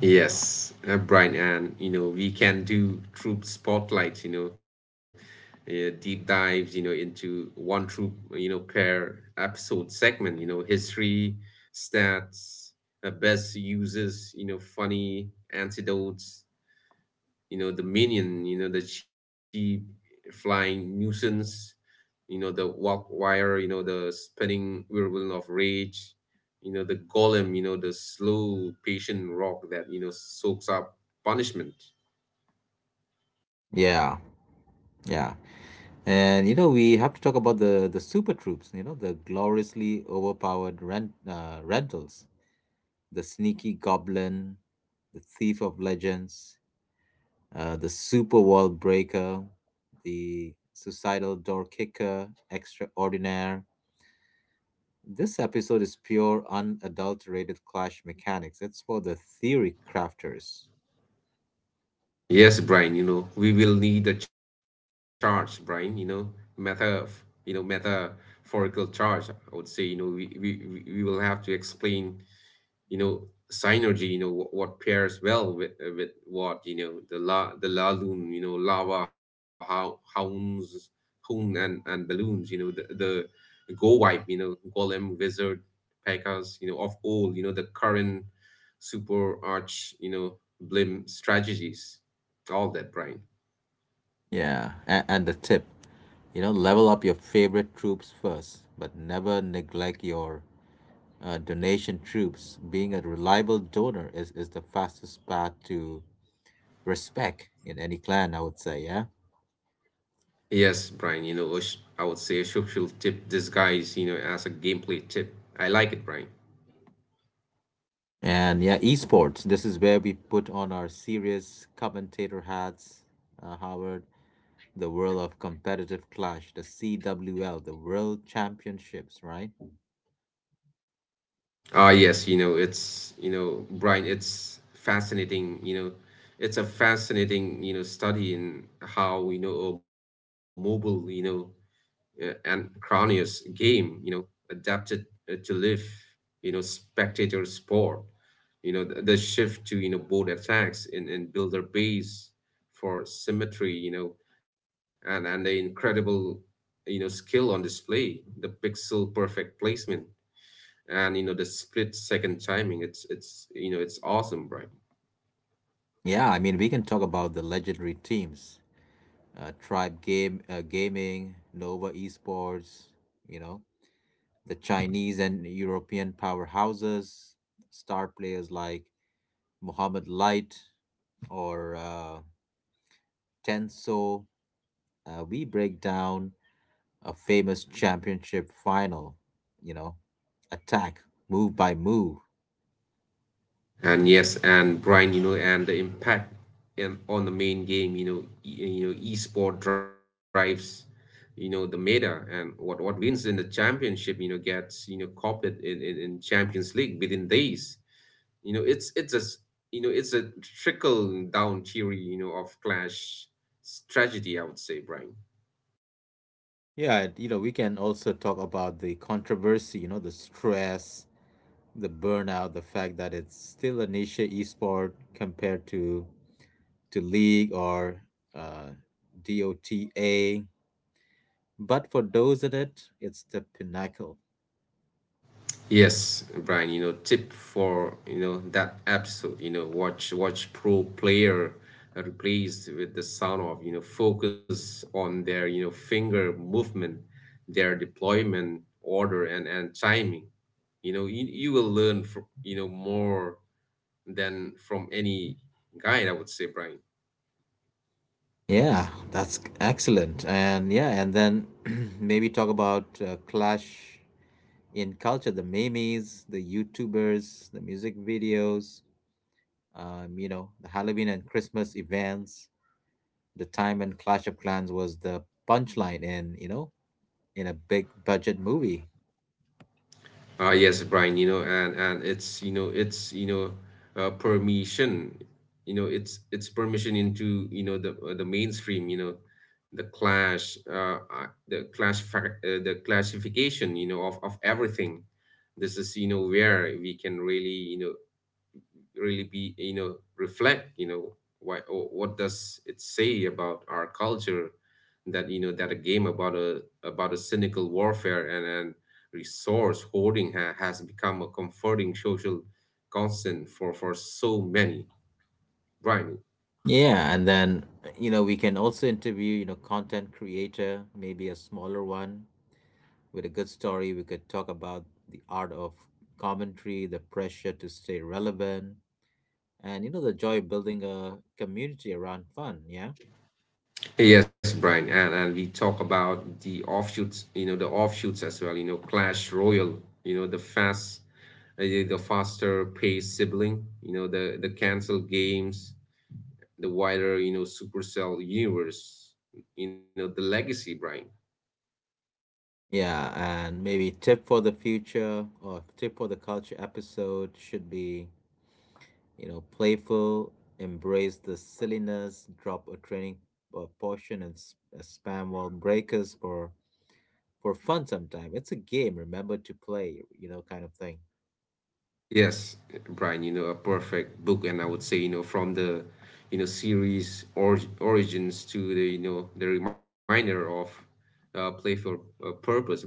[SPEAKER 2] Yes, Brian, and we can do troop spotlights. Deep dives You know, into one troop You know, per episode segment. History, stats, best uses. Funny antidotes. The minion, the cheap flying nuisance, the walk wire, the spinning whirlwind of rage, the golem, the slow patient rock that soaks up punishment.
[SPEAKER 1] Yeah, yeah. And you know, we have to talk about the super troops, you know, the gloriously overpowered rentals, the sneaky goblin, the thief of legends, the super wall breaker, the suicidal door kicker, extraordinaire. This episode is pure unadulterated clash mechanics. It's for the theory crafters.
[SPEAKER 2] Yes, Brian, we will need a charge, Brian, meta, metaphorical charge. I would say, we will have to explain you know synergy, what pairs well with what, the laloon, lava how hounds hoon and balloons, the go wipe, golem wizard pekas, of all, the current super arch, blim strategies, all that, Brian.
[SPEAKER 1] Yeah, and the tip, you know, level up your favorite troops first, but never neglect your donation troops. Being a reliable donor is the fastest path to respect in any clan, I would say, yeah?
[SPEAKER 2] Yes brian you know a sh- I would say a social tip disguise as a gameplay tip. I like it, Brian.
[SPEAKER 1] And yeah, esports, this is where we put on our serious commentator hats, Howard, the world of competitive clash, the CWL, the world championships, right?
[SPEAKER 2] Ah, yes, Brian, it's fascinating, you know, it's a fascinating, you know, study in how, a mobile, and cranius game, adapted to live, spectator sport, the shift to, board attacks and builder base for symmetry, and the incredible, skill on display, the pixel perfect placement and the split second timing. It's it's you know it's awesome, Brian.
[SPEAKER 1] Yeah, I mean, we can talk about the legendary teams, Tribe Game Gaming, Nova Esports, you know, the Chinese and European powerhouses, star players like Muhammad Light or Tenso. We break down a famous championship final, you know, attack move by move.
[SPEAKER 2] And yes, and Brian, and the impact on the main game. You know e, you know esport drives the meta, and what wins in the championship gets copied in champions league within days. You know it's a s- you know it's a trickle down theory of Clash tragedy, I would say, Brian.
[SPEAKER 1] Yeah, and, you know, we can also talk about the controversy, you know, the stress, the burnout, the fact that it's still a niche esport compared to league or uh, DOTA. But for those in it, it's the pinnacle.
[SPEAKER 2] Yes, Brian, tip for, that episode, watch pro player replace with the sound of, focus on their, finger movement, their deployment order and timing. You will learn from, more than from any guide, I would say, Brian.
[SPEAKER 1] Yeah, that's excellent. And yeah, and then maybe talk about clash in culture, the memes, the YouTubers, the music videos, you know, the Halloween and Christmas events, the time when Clash of Clans was the punchline in, you know, in a big budget movie.
[SPEAKER 2] Yes, Brian, and it's you know permission, it's permission into the mainstream, you know, the clash, fac- the classification, of everything. This is where we can really you know really be you know reflect you know why, or what does it say about our culture that that a game about a cynical warfare and resource hoarding has become a comforting social constant for so many, Brian.
[SPEAKER 1] Yeah, and then you know we can also interview you know content creator, maybe a smaller one with a good story. We could talk about the art of commentary, the pressure to stay relevant, and you know the joy of building a community around fun. Yeah,
[SPEAKER 2] Yes, Brian, and we talk about the offshoots, you know, the offshoots as well. You know, Clash Royale. The the faster paced sibling. The the cancel games, the wider, Supercell universe, the legacy, Brian.
[SPEAKER 1] yeah, and maybe tip for the future or tip for the culture episode should be you know playful, embrace the silliness, drop a training portion and spam wall breakers for fun sometime. It's a game, remember to play, you know, kind of thing.
[SPEAKER 2] Yes, Brian, a perfect book, and I would say, from the, series or origins to the, the reminder of playful purpose, Brian.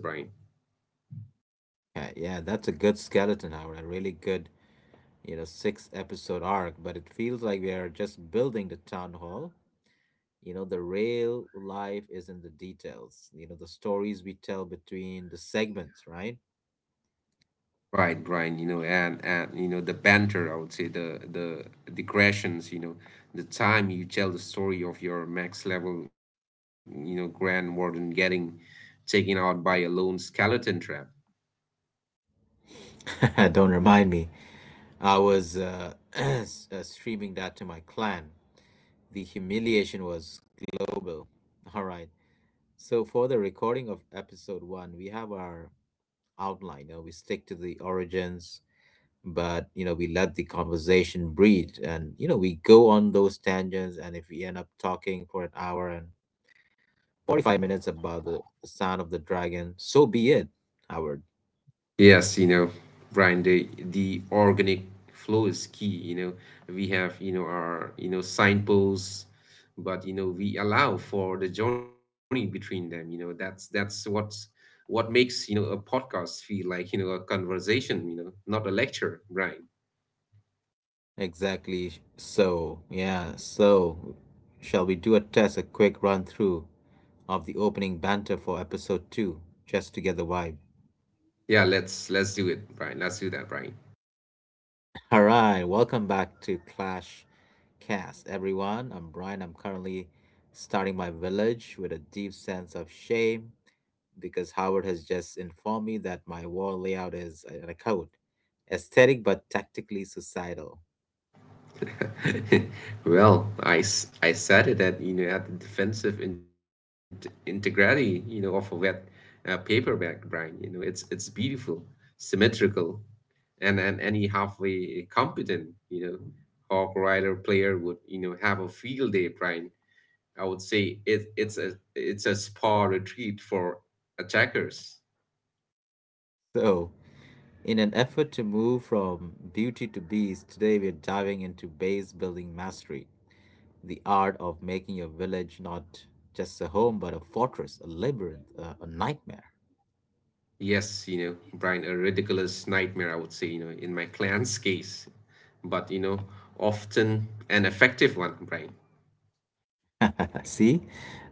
[SPEAKER 1] Yeah, yeah, that's a good skeleton hour, a really good, you know, six episode arc, but it feels like we are just building the town hall. You know, the real life is in the details, you know, the stories we tell between the segments, right?
[SPEAKER 2] Right, Brian, and the banter, I would say the digressions, the time you tell the story of your max level, Grand Warden getting taken out by a lone skeleton trap.
[SPEAKER 1] Don't remind me. I was streaming that to my clan. The humiliation was global. All right. So for the recording of episode one, we have our outline. You know, we stick to the origins, but you know, we let the conversation breathe, and you know, we go on those tangents. And if we end up talking for an hour and 45 minutes about the sound of the dragon, so be it, Howard.
[SPEAKER 2] Yes, Brian, the organic flow is key. We have our signposts, but we allow for the journey between them. That's what makes a podcast feel like a conversation. Not a lecture, Brian.
[SPEAKER 1] Exactly. So, yeah, so shall we do a test, a quick run through of the opening banter for episode two, just to get the vibe?
[SPEAKER 2] Yeah, let's do it, Brian. Let's do that, Brian.
[SPEAKER 1] All right, welcome back to Clash Cast, everyone. I'm Brian. I'm currently starting my village with a deep sense of shame because Howard has just informed me that my wall layout is, and I quote, aesthetic but tactically societal.
[SPEAKER 2] Well, I, I said it that at the defensive in integrity of a wet paperback, Brian. It's beautiful, symmetrical, and any halfway competent you know hawk rider player would have a field day, Brian. I would say it's a spa retreat for attackers.
[SPEAKER 1] So, in an effort to move from beauty to beast, today we're diving into base building mastery, the art of making your village not just a home but a fortress, a labyrinth, a nightmare.
[SPEAKER 2] Yes, Brian, a ridiculous nightmare, I would say, in my client's case, but often an effective one, Brian.
[SPEAKER 1] See,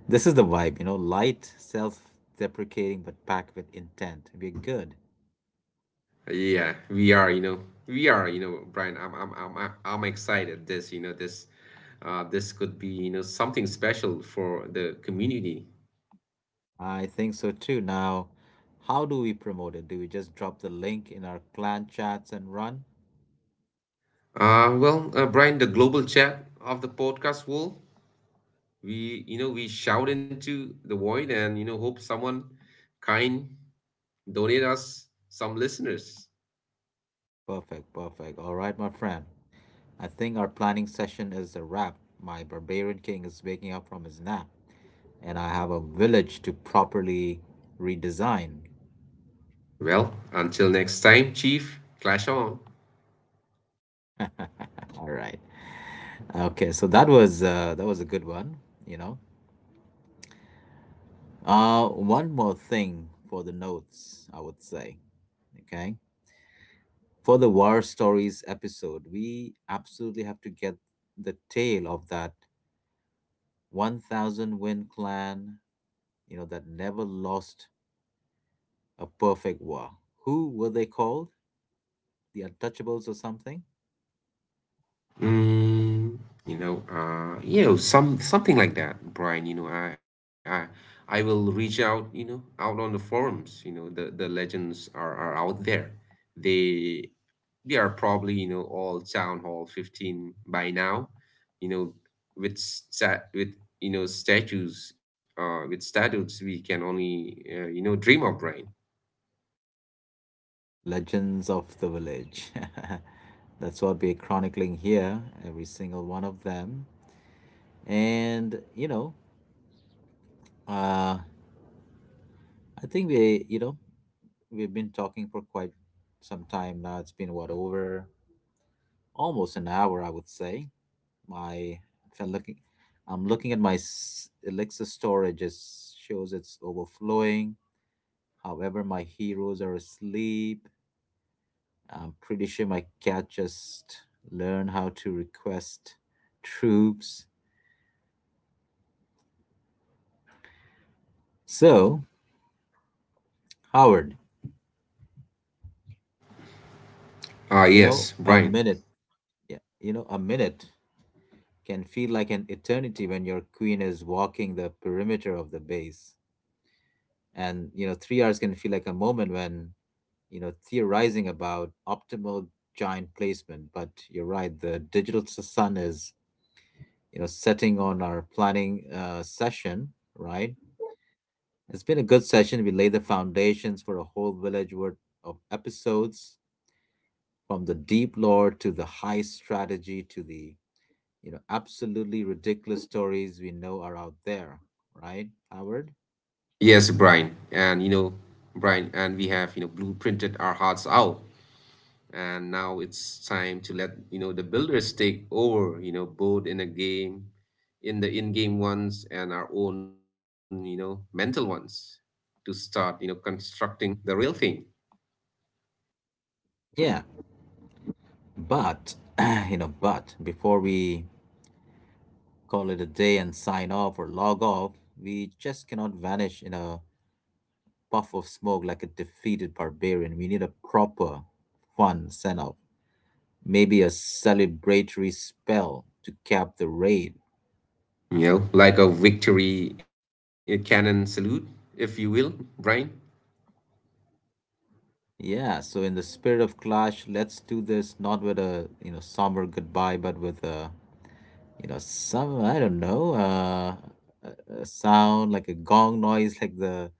[SPEAKER 1] this is the vibe, you know, light, self deprecating, but packed with intent. We're good.
[SPEAKER 2] Yeah, we are, Brian. I'm excited. This, this could be, something special for the community.
[SPEAKER 1] I think so too. Now, how do we promote it? Do we just drop the link in our clan chats and run?
[SPEAKER 2] Well, Brian, the global chat of the podcast world, we, we shout into the void and, hope someone kind donate us some listeners.
[SPEAKER 1] Perfect, perfect. All right, my friend. I think our planning session is a wrap. My barbarian king is waking up from his nap, and I have a village to properly redesign.
[SPEAKER 2] Well, until next time, Chief, clash on.
[SPEAKER 1] All right. Okay, so that was a good one, you know. One more thing for the notes, I would say. Okay. For the war stories episode, we absolutely have to get the tale of that 1000 win clan, you know, that never lost a perfect war. Who were they called? The Untouchables or something?
[SPEAKER 2] Mm, some something like that, Brian. I will reach out. Out on the forums. The legends are out there. They they are probably all town hall 15 by now. You know, with stat with statues, with statutes we can only dream of, Brian.
[SPEAKER 1] Legends of the Village. That's what we're chronicling here, every single one of them. And, you know, uh, I think we, you know, we've been talking for quite some time now. It's been what over almost an hour, I would say. My If I'm looking, I'm looking at my Alexa storage. It shows it's overflowing. However, my heroes are asleep. I'm pretty sure my cat just learned how to request troops. So, Howard,
[SPEAKER 2] Ah,
[SPEAKER 1] you know,
[SPEAKER 2] yes,
[SPEAKER 1] a
[SPEAKER 2] Brian.
[SPEAKER 1] minute, yeah, you know, a minute can feel like an eternity when your queen is walking the perimeter of the base. And, you know, 3 hours can feel like a moment when, you know, theorizing about optimal giant placement. But you're right, the digital sun is, you know, setting on our planning session, right? It's been a good session. We laid the foundations for a whole village worth of episodes from the deep lore to the high strategy to the, you know, absolutely ridiculous stories we know are out there, right, Howard?
[SPEAKER 2] Yes, Brian. And Brian, and we have, blueprinted our hearts out. And now it's time to let, the builders take over, both in a game, in the in-game ones and our own, mental ones to start, constructing the real thing,
[SPEAKER 1] Yeah, but you know, but before we call it a day and sign off or log off. We just cannot vanish in a puff of smoke like a defeated barbarian. We need a proper, fun send off, maybe a celebratory spell to cap the raid.
[SPEAKER 2] like a victory cannon salute, if you will, Brian.
[SPEAKER 1] Yeah, so in the spirit of clash, let's do this not with a you know somber goodbye, but with a you know some I don't know a sound like a gong noise, like the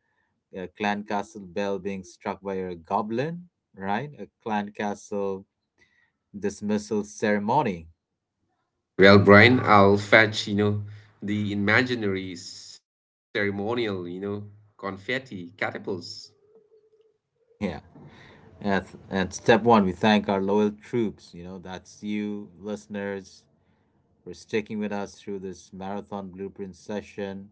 [SPEAKER 1] clan castle bell being struck by a goblin, right? A clan castle dismissal ceremony.
[SPEAKER 2] Well, Brian, I'll fetch, the imaginary ceremonial, confetti catapults.
[SPEAKER 1] Yeah. At step one, we thank our loyal troops. You know, that's you, listeners, for sticking with us through this marathon blueprint session.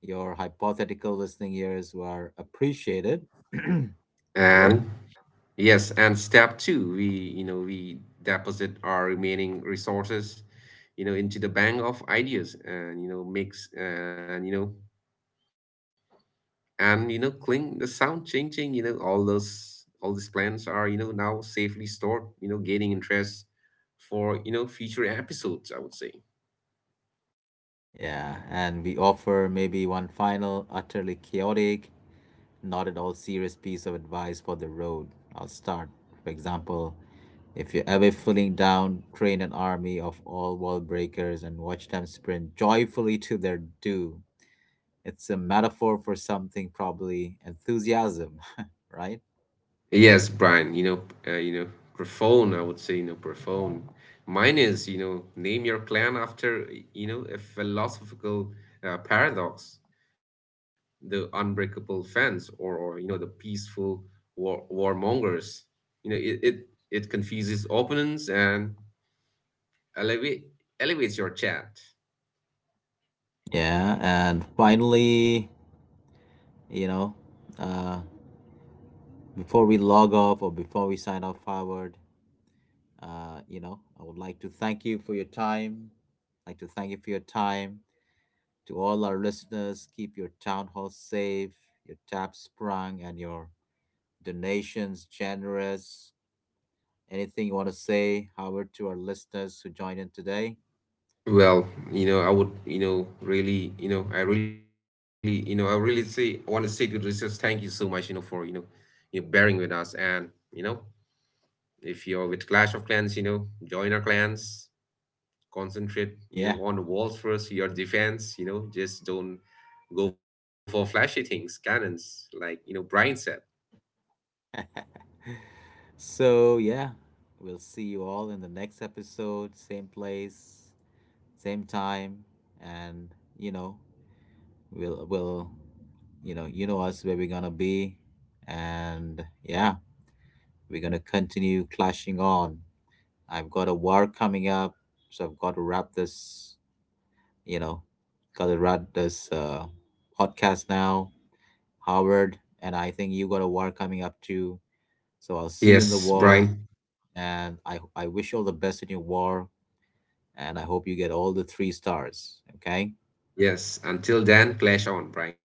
[SPEAKER 1] Your hypothetical listening ears were appreciated, Howard.
[SPEAKER 2] And yes, and step two, we we deposit our remaining resources, into the bank of ideas, and you know mix and you know cling the sound changing, all these plans are now safely stored, gaining interest for future episodes, I would say.
[SPEAKER 1] Yeah. And we offer maybe one final, utterly chaotic, not at all serious piece of advice for the road. I'll start. For example, if you're ever feeling down, train an army of all wall breakers and watch them sprint joyfully to their due. It's a metaphor for something, probably enthusiasm, right?
[SPEAKER 2] Yes, Brian, uh, you know, profound, I would say, profound. Mine is, name your clan after, a philosophical paradox, the unbreakable fence, or the peaceful war warmongers. You know, it it, it confuses opponents and elevate elevates your chat.
[SPEAKER 1] Yeah, and finally, you know, before we log off or before we sign off forward, you know, I would like to thank you for your time. I'd like to thank you for your time. To all our listeners, keep your town hall safe, your tap sprung, and your donations generous. Anything you want to say, Howard, to our listeners who joined in today?
[SPEAKER 2] Well, I would, I really, I really say, I want to say to the listeners, thank you so much, for bearing with us. And, you know, if you're with Clash of Clans, join our clans, concentrate,
[SPEAKER 1] Yeah.
[SPEAKER 2] on the walls first, your defense, just don't go for flashy things, cannons, like, Brian said.
[SPEAKER 1] So, yeah, we'll see you all in the next episode. Same place, same time. And, you know, we'll, we'll, you know, you know us where we're going to be. And, yeah, we're going to continue clashing on. I've got a war coming up, so I've got to wrap this, you know, got to wrap this podcast now, Howard. And I think you got a war coming up too. So I'll see you in
[SPEAKER 2] Yes,
[SPEAKER 1] the
[SPEAKER 2] Brian.
[SPEAKER 1] war. And I wish you all the best in your war. And I hope you get all the three stars. Okay.
[SPEAKER 2] Yes. Until then, clash on, Brian.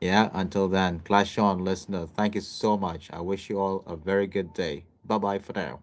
[SPEAKER 1] Yeah. Until then, Clash on, listener. Thank you so much. I wish you all a very good day. Bye bye for now.